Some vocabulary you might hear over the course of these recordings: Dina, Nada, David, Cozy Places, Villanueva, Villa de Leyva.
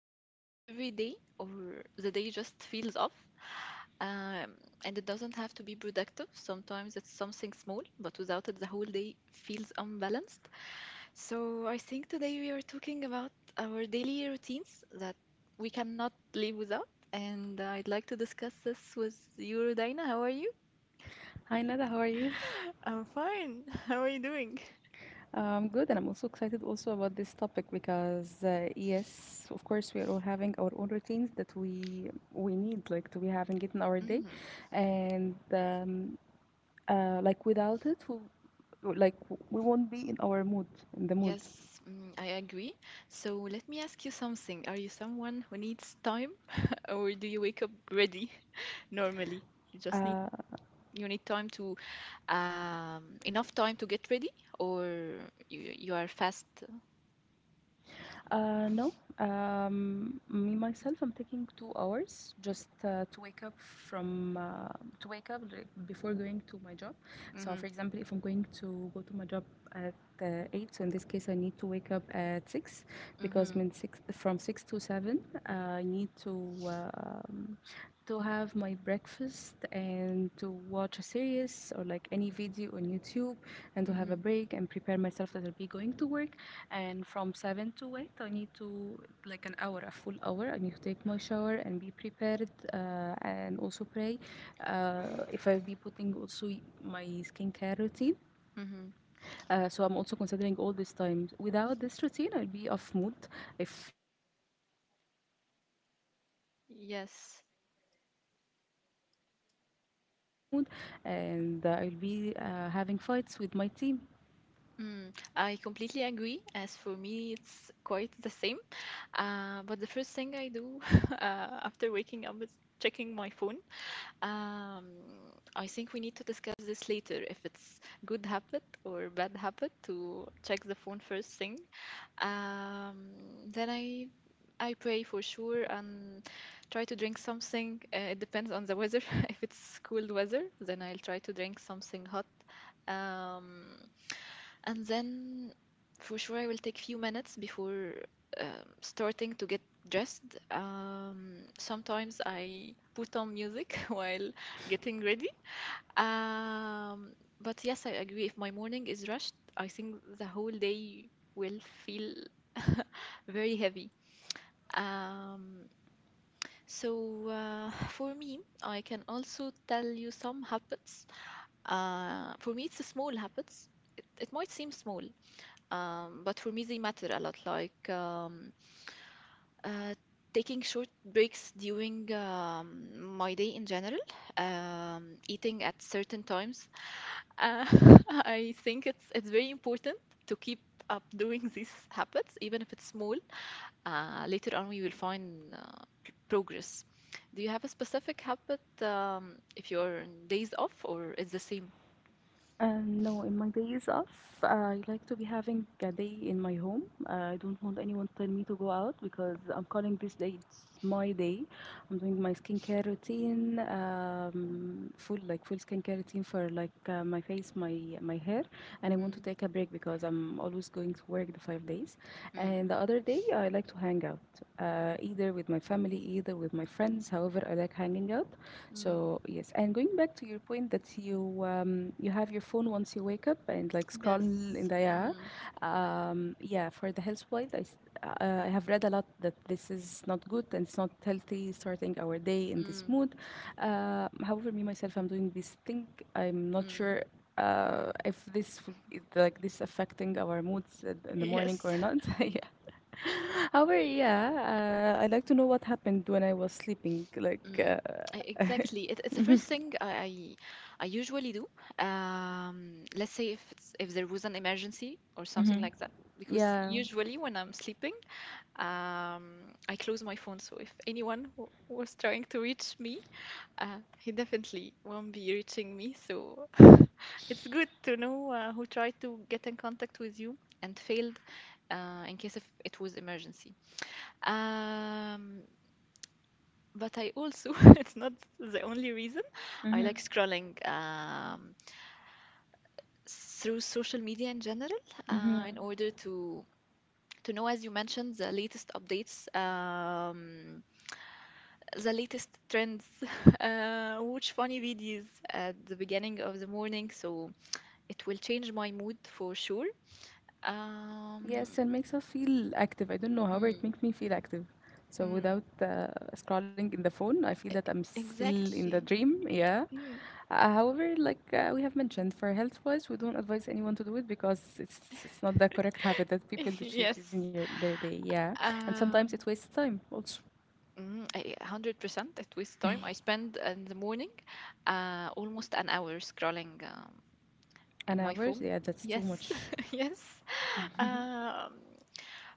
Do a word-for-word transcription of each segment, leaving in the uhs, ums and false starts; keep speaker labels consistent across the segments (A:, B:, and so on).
A: must do every day, or the day just feels off. Um, and it doesn't have to be productive. Sometimes it's something small, but without it, the whole day feels unbalanced. So I think today we are talking about our daily routines that we cannot live without. And I'd like to discuss this with you, Dina. How are you?
B: Hi Nada, how are you?
A: I'm fine. How are you doing?
B: I'm good, and I'm also excited also about this topic because uh, yes, of course, we are all having our own routines that we we need like to be having it in our day, and um, uh, like without it, we, like we won't be in our mood, in the mood.
A: Yes, mm, I agree. So let me ask you something. Are you someone who needs time, or do you wake up ready normally? You just need
B: Uh,
A: you need time to um, enough time to get ready, or you you are fast.
B: Uh, no, um, Me myself, I'm taking two hours just uh, to wake up from uh, to wake up like, before going to my job. So,
A: Mm-hmm,
B: for example, if I'm going to go to my job at uh, eight, so in this case, I need to wake up at six because
A: mm-hmm,
B: min six, from six to seven, uh, I need to um, to have my breakfast and to watch a series or like any video on YouTube and to have a
A: mm-hmm,
B: break and prepare myself that I'll be going to work, and from seven to eight I need to, like an hour, a full hour I need to take my shower and be prepared uh, and also pray uh, if I'll be putting also my skincare routine.
A: mm-hmm.
B: Uh, so I'm also considering all these times. Without this routine, I'll be off mood if like the water cuts off and uh, el-
A: Yes.
B: same for the electricity, same for the internet, I'll be out of mood and uh, I'll be uh, having fights with my team.
A: Mm, I completely agree. As for me, it's quite the same. Uh, but the first thing I do uh, after waking up is checking my phone. Um, I think we need to discuss this later if it's good habit or bad habit to check the phone first thing. Um, then I I pray for sure and try to drink something. Uh, it depends on the weather. If it's cold weather, then I'll try to drink something hot. Um, and then for sure I will take few minutes before um, starting to get dressed. Um, sometimes I put on music while getting ready. Um, but yes, I agree. If my morning is rushed, I think the whole day will feel very heavy. Um, so uh, for me, I can also tell you some habits. Uh, for me, it's a small habits. It, it might seem small, um, but for me, they matter a lot, like um, uh, taking short breaks during um, my day in general, um, eating at certain times. Uh, I think it's it's very important to keep up doing these habits, even if it's small. Uh, later on, we will find uh, p- progress. Do you have a specific habit um, if you're on days off, or it's the same?
B: Uh, no, in my days off, uh, I like to be having a day in my home. Uh, I don't want anyone to tell me to go out because I'm calling this day it's my day. I'm doing my skincare routine, um, full, like full skincare routine for like uh, my face, my my hair, and I want to
A: Mm,
B: take a break because I'm always going to work the five days.
A: mm,
B: And the other day, I like to hang out, uh, either with my family, either with my friends. However, I like hanging out.
A: mm.
B: So yes, and going back to your point that you um, you have your phone once you wake up and like scroll
A: Yes.
B: in the, yeah,
A: Mm,
B: um, yeah. For the health point, I s- uh, I have read a lot that this is not good and it's not healthy starting our day in this
A: mm,
B: mood. Uh, however, me myself, I'm doing this thing. I'm not
A: mm.
B: sure Uh, if this would- it- like this affecting our moods in in the morning
A: Yes.
B: or not. Yeah, however, yeah, uh, I like to know what happened when I was sleeping like, uh,
A: Mm, e- Exactly. It, it's the first thing I, I I usually do. Um, let's say if it's if there was an emergency or something
B: mhm.
A: like that, because
B: Yeah.
A: usually when I'm sleeping, um, I close my phone. So if anyone w was trying to reach me, uh, he definitely won't be reaching me. So it's good to know uh, who tried to get in contact with you and failed uh, in case if it was emergency. Um, but I also, it's not the only reason. I
B: Mhm.
A: like scrolling um, through social media in general uh, in
B: Mhm.
A: order to to know, as you mentioned, the latest updates, um, the latest trends, uh, watch funny videos at the beginning of the morning. So it will change my mood for sure. Um,
B: Yes, and makes us feel active. I don't know, however, it
A: mm,
B: makes me feel active. So
A: mm,
B: without uh, scrolling in the phone, I feel that I'm still in the
A: exactly.
B: dream. Yeah.
A: Mm,
B: Uh, however, like uh, we have mentioned, for health-wise, we don't advise anyone to do it because it's it's not the correct habit that people that
A: yes.
B: should use your their day. Yeah, and sometimes
A: Um,
B: it wastes time also.
A: Mm, I- one hundred percent it wastes time. I spend uh, in the morning uh, almost an hour scrolling um, in
B: And
A: my
B: hours,
A: phone.
B: yeah, that's too
A: Yes,
B: much.
A: yes. Um,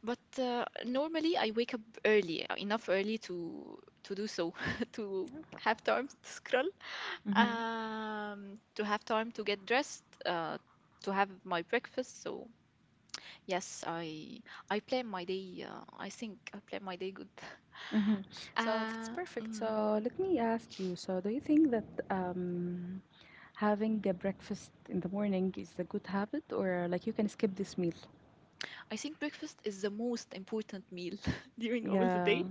A: but uh, normally I wake up early, uh, enough early to to do so, to have time to scroll, um, to have time to get dressed, uh, to have my breakfast. So yes, I I plan my day. Uh, I think I plan my day good.
B: Mm-hmm. So that's
A: Uh,
B: perfect.
A: mm.
B: So let me ask you. So do you think that um, having a breakfast in the morning is a good habit, or like you can skip this meal?
A: I think breakfast is the most important meal during all the
B: Yeah.
A: day.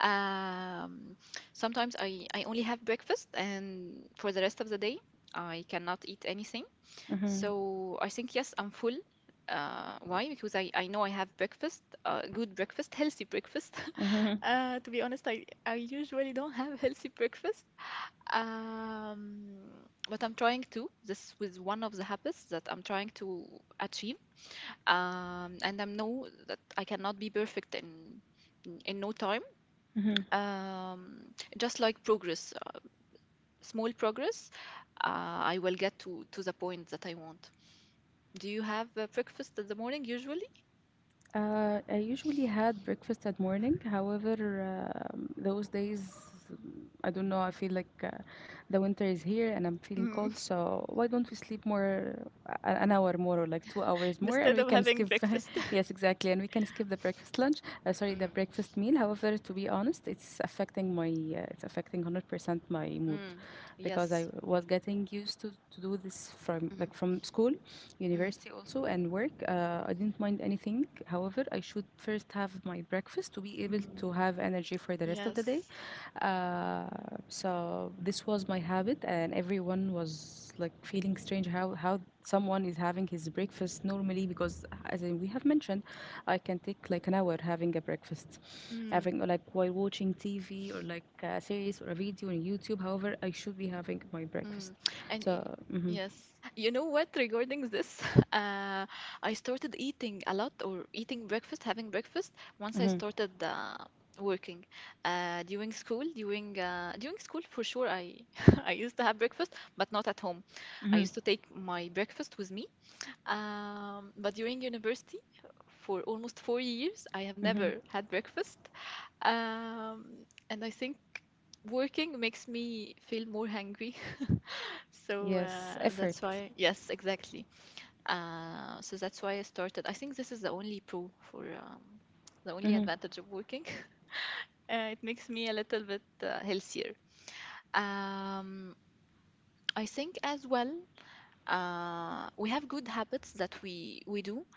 A: Um, Sometimes I, I only have breakfast, and for the rest of the day, I cannot eat anything.
B: Mm-hmm.
A: So I think, yes, I'm full. Uh, why? Because I, I know I have breakfast, uh, good breakfast, healthy breakfast.
B: Mm-hmm.
A: Uh, to be honest, I, I usually don't have healthy breakfast. Um, but I'm trying to. This was one of the habits that I'm trying to achieve um, and I know that I cannot be perfect in in in no time.
B: Mm-hmm.
A: Um, just like progress, uh, small progress, uh, I will get to to the point that I want. Do you have uh, breakfast in the morning usually?
B: Uh, I usually had breakfast at morning. However, um, those days, I don't know, I feel like uh, the winter is here and I'm feeling
A: Mm.
B: cold. So why don't we sleep more, uh, an hour more or like two hours more, and
A: Instead
B: we
A: of
B: can
A: having
B: skip,
A: breakfast.
B: yes, exactly, and we can skip the breakfast lunch. Uh, sorry, the
A: Mm,
B: breakfast meal. However, to be honest, it's affecting my, uh, it's affecting one hundred percent my mood,
A: mm,
B: because I
A: yes.
B: was getting used to to do this from
A: Mm,
B: like from school,
A: mm,
B: university also, and work. Uh, I didn't mind anything. However, I should first have my breakfast to be able
A: Mm.
B: to have energy for the rest of the day.
A: Yes.
B: Uh, so this was my habit, and everyone was like feeling strange how how someone is having his breakfast normally because, as I- we have mentioned, I can take like an hour having a breakfast,
A: Mm.
B: having like while watching T V or like a series or a video on YouTube. However, I should be having my breakfast.
A: Mm. And y-
B: So, mm-hmm,
A: yes, you know what? Regarding this, uh, I started eating a lot or eating breakfast, having breakfast once I
B: mm-hmm,
A: started uh, working. Uh, during school, during uh, during school for sure, I I used to have breakfast, but not at home. I
B: mm-hmm,
A: used to take my breakfast with me. Um, but during university, for almost four years, I have
B: mm-hmm.
A: never had breakfast. Um, and I think working makes me feel more hungry so
B: Yes,
A: uh,
B: effort.
A: that's why, yes, exactly. Uh, so that's why I started. I think this is the only pro for um, the only
B: Mm-hmm,
A: advantage of working. Uh, it makes me a little bit uh, healthier. Um, I think as well, uh, we have good habits that we we do.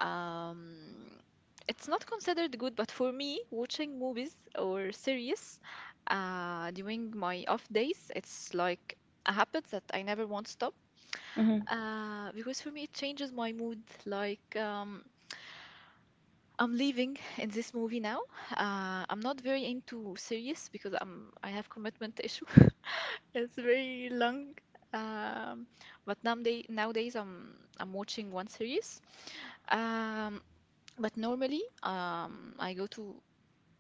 A: Um, it's not considered good, but for me, watching movies or series uh, during my off days, it's like a habit that I never won't stop.
B: mm-hmm.
A: Uh, because for me, it changes my mood. Like, um, I'm leaving in this movie now. Uh, I'm not very into serious because I'm I have commitment issue. It's very long. Um, but nowadays, nowadays I'm I'm watching one series. Um, but normally, um, I go to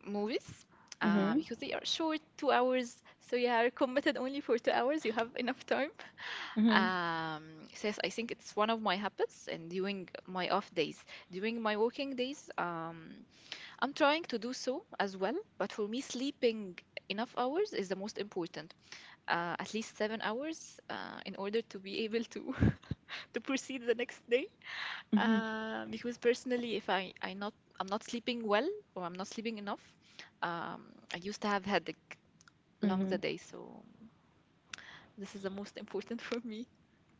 A: movies. Uh,
B: Mhm.
A: because they are short, two hours, so you are committed only for two hours. You have enough time.
B: Mhm.
A: Um, says I think it's one of my habits and during my off days. During my working days, um, I'm trying to do so as well, but for me, sleeping enough hours is the most important. Uh, at least seven hours uh, in order to be able to to proceed the next day.
B: Mhm.
A: Uh, because personally, if I I not I'm not sleeping well or I'm not sleeping enough, um, I used to have headache along the
B: Mhm.
A: day, so this is the most important for me.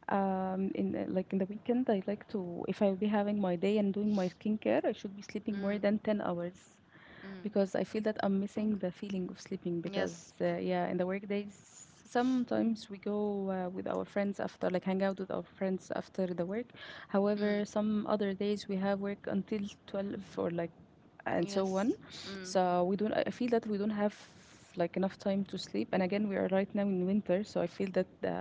B: Um, in the, like in the weekend, I like to if I'll be having my day and doing my skincare, I should be sleeping more
A: Mm,
B: than ten hours,
A: mm,
B: because I feel that I'm missing the feeling of sleeping because
A: yes.
B: uh, yeah, in the workdays sometimes we go uh, with our friends after like hang out with our friends after the work. However, some other days we have work until twelve or like, and so on.
A: Yes. Mm,
B: So we don't, I I feel that we don't have like enough time to sleep, and again we are right now in winter, so I feel that the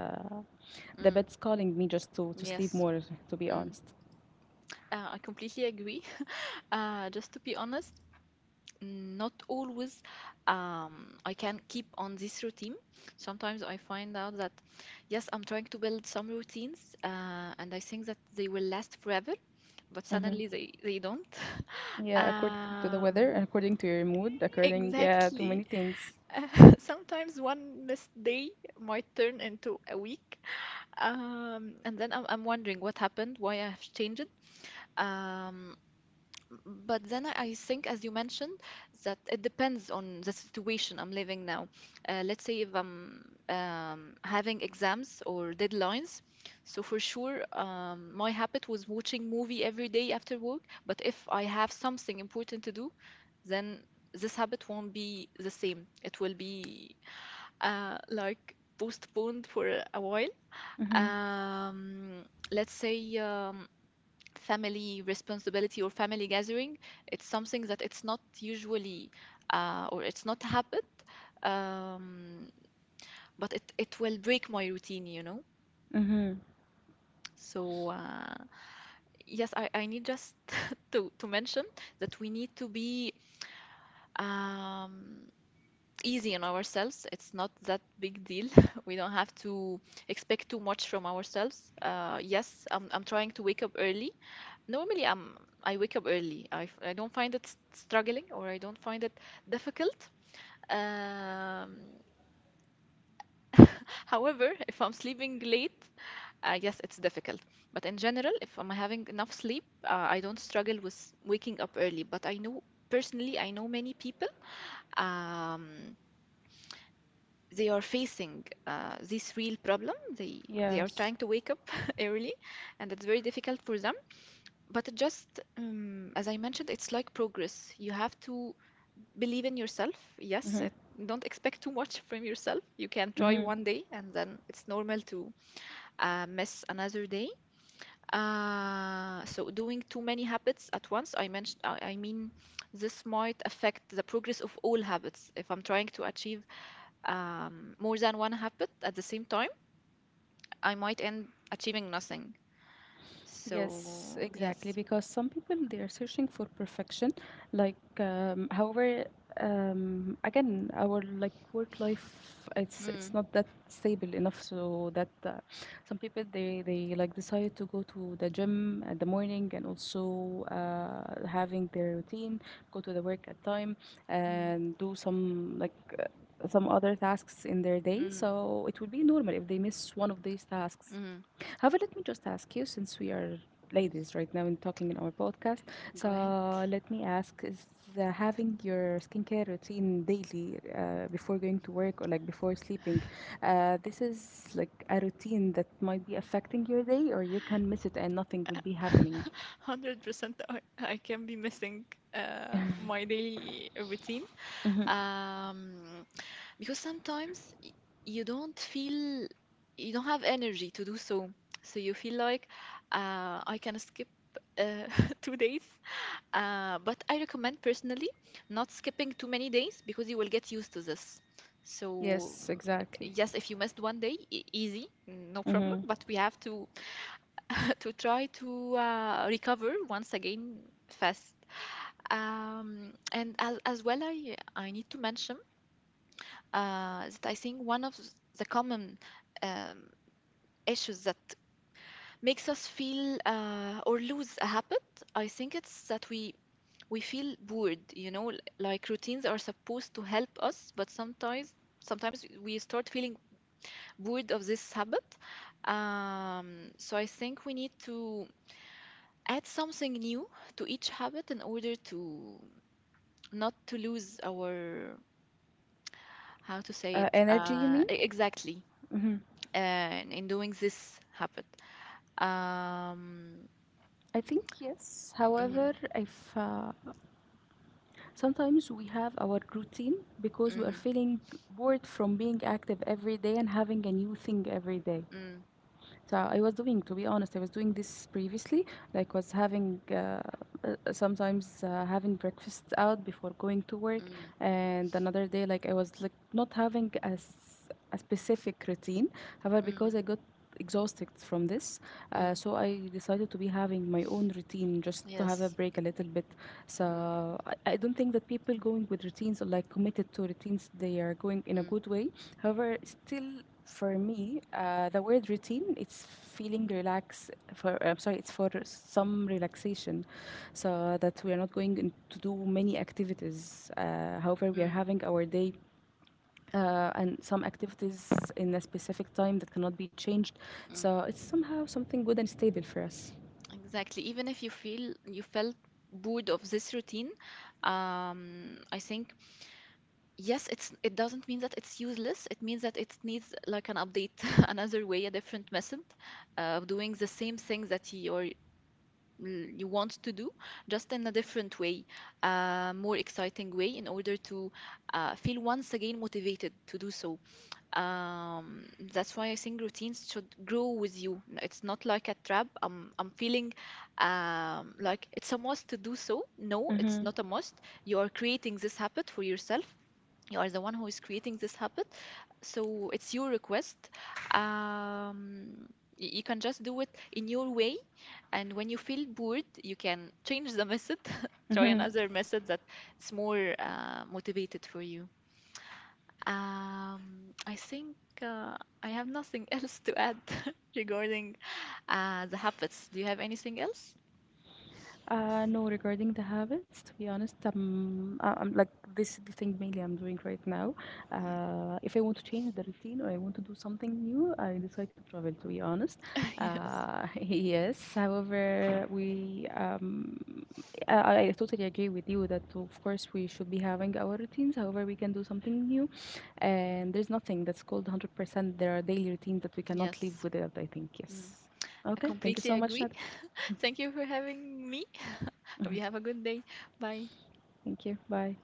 B: the
A: mm,
B: bed's calling me just to to sleep
A: yes.
B: more, to be
A: Mm.
B: honest.
A: Uh, I completely agree. Uh, just to be honest, not always um, I can keep on this routine. Sometimes I find out that, yes, I'm trying to build some routines uh, and I think that they will last forever, but
B: Mhm.
A: suddenly they, they don't.
B: Yeah, according to the weather,
A: Um,
B: according to your mood, according, yeah, to many
A: exactly.
B: things.
A: Sometimes one missed day might turn into a week. Um, and then I'm, I'm wondering what happened, why I have changed. Um, but then I I think, as you mentioned, that it depends on the situation I'm living now. Uh, let's say if I'm um, having exams or deadlines, so for sure, um, my habit was watching movie every day after work. But if I have something important to do, then this habit won't be the same. It will be uh, like postponed for a a while.
B: Mhm.
A: Um, let's say. Um, family responsibility or family gathering it's something that it's not usually uh, or it's not happened um, but it, it will break my routine, you know,
B: Mhm.
A: so uh, yes I, I need just to, to mention that we need to be um, easy on ourselves. It's not that big deal. We don't have to expect too much from ourselves. Uh, yes, I'm, I'm trying to wake up early. Normally, I'm I wake up early. I, f- I don't find it s- struggling or I don't find it difficult. Um, however, if I'm sleeping late, I guess it's difficult. But in general, if I'm having enough sleep, uh, I don't struggle with waking up early. But I know personally, I know many people. Um, they are facing uh, this real problem. They they are
B: Yes.
A: trying to wake up early, and it's very difficult for them. But it just, um, as I mentioned, it's like progress. You have to believe in yourself. Yes,
B: Mhm.
A: it, don't expect too much from yourself. You can try
B: Mhm.
A: one day and then it's normal to uh, miss another day. Uh, so doing too many habits at once, I mentioned, I I mean, this might affect the progress of all habits. If I'm trying to achieve um, more than one habit at the same time, I might end achieving nothing.
B: Yes,
A: So,
B: exactly.
A: yes.
B: Because some people they are searching for perfection. Like, um, however, um, again, our like work life, it's it's
A: Mm,
B: not that stable enough. So that uh, some people they they like decide to go to the gym at the morning and also uh, having their routine, go to the work at time,
A: mm,
B: and do some like some other tasks in their day.
A: mm,
B: So it would be normal if they miss one of these tasks.
A: mm.
B: However, let me just ask you, since we are ladies right now and talking in our podcast,
A: Go
B: so
A: ahead.
B: let me ask: Is uh, having your skincare routine daily uh, before going to work or like before sleeping, uh, this is like a routine that might be affecting your day, or you can miss it and nothing will be happening?
A: one hundred percent I, I can be missing uh, my daily routine
B: Hmm.
A: um, because sometimes y- you don't feel you don't have energy to do so, so you feel like uh, I can skip uh, two days uh, but I recommend personally not skipping too many days because you will get used to this so mm,
B: Yes, exactly.
A: yes. If you missed one day, e- easy, no problem,
B: Mm-hmm.
A: but we have to to try to uh, recover once again fast. Um, and as, as well, I, I need to mention uh, that I think one of the common um, issues that makes us feel uh, or lose a habit, I think it's that we we feel bored, you know, l- like routines are supposed to help us, but sometimes sometimes we start feeling bored of this habit. Um, so I think we need to add something new to each habit in order to not to lose our how to say
B: Uh,
A: it
B: energy, you
A: uh,
B: mean?
A: e- exactly
B: Mm-hmm.
A: uh, in doing this habit um
B: I think yes. However,
A: mm,
B: if uh, sometimes we have our routine because we are
A: mm,
B: feeling bored from being active every day and having a new thing every day.
A: mm,
B: So I was doing, to be honest, I was doing this previously, like was having uh, uh, sometimes uh, having breakfast out before going to work,
A: mm,
B: and another day like I was like not having a, s- a specific routine. However,
A: mm,
B: because I got exhausted from this, uh,
A: mm,
B: so I decided to be having my own routine just to have a
A: yes
B: break a little bit.
A: mm,
B: So I, I don't think that people going with routines or like committed to routines, they are going in a
A: mm,
B: good way. However, still for me, uh, the word routine, it's feeling relaxed for, uh, I'm sorry, it's for some relaxation. So that we are not going in to do many activities. Uh, however, we are
A: mm,
B: having our day uh, and some activities in a specific time that cannot be changed. So
A: mm.
B: it's somehow something good and stable for us.
A: Exactly, even if you feel you felt bored of this routine um I think yes. It's it doesn't mean that it's useless. It means that it needs like an update, another way, a different method uh, of doing the same thing that you're you want to do, just in a different way, a more exciting way, in order to uh, feel once again motivated to do so. Um, that's why I think routines should grow with you. It's not like a trap. I'm I'm feeling um, like it's a must to do so. No, it's
B: Mm-hmm.
A: not a must. You are creating this habit for yourself. You are the one who is creating this habit, so it's your request. um, y- you can just do it in your way, and when you feel bored you can change the method. Try
B: Mm-hmm.
A: another method that is more uh, motivated for you. um, I think uh, I have nothing else to add regarding uh, the habits. Do you have anything else?
B: Uh, no, regarding the habits, to be honest, um, I- I'm like this is the thing mainly I'm doing right now. Uh, if I want to change the routine or I want to do something new, I decide to travel. To be honest,
A: Yes.
B: uh, yes. However, we um, I, I I totally agree with you that of course we should be having our routines. However, we can do something new, and there's nothing that's called one hundred percent. There are daily routines that we cannot live
A: Yes.
B: without. I think
A: Mm.
B: yes.
A: I
B: Okay. Thank you
A: completely
B: so much,
A: agree.
B: Nada.
A: Thank you for having me. Hope you have a good day. Bye.
B: Thank you. Bye.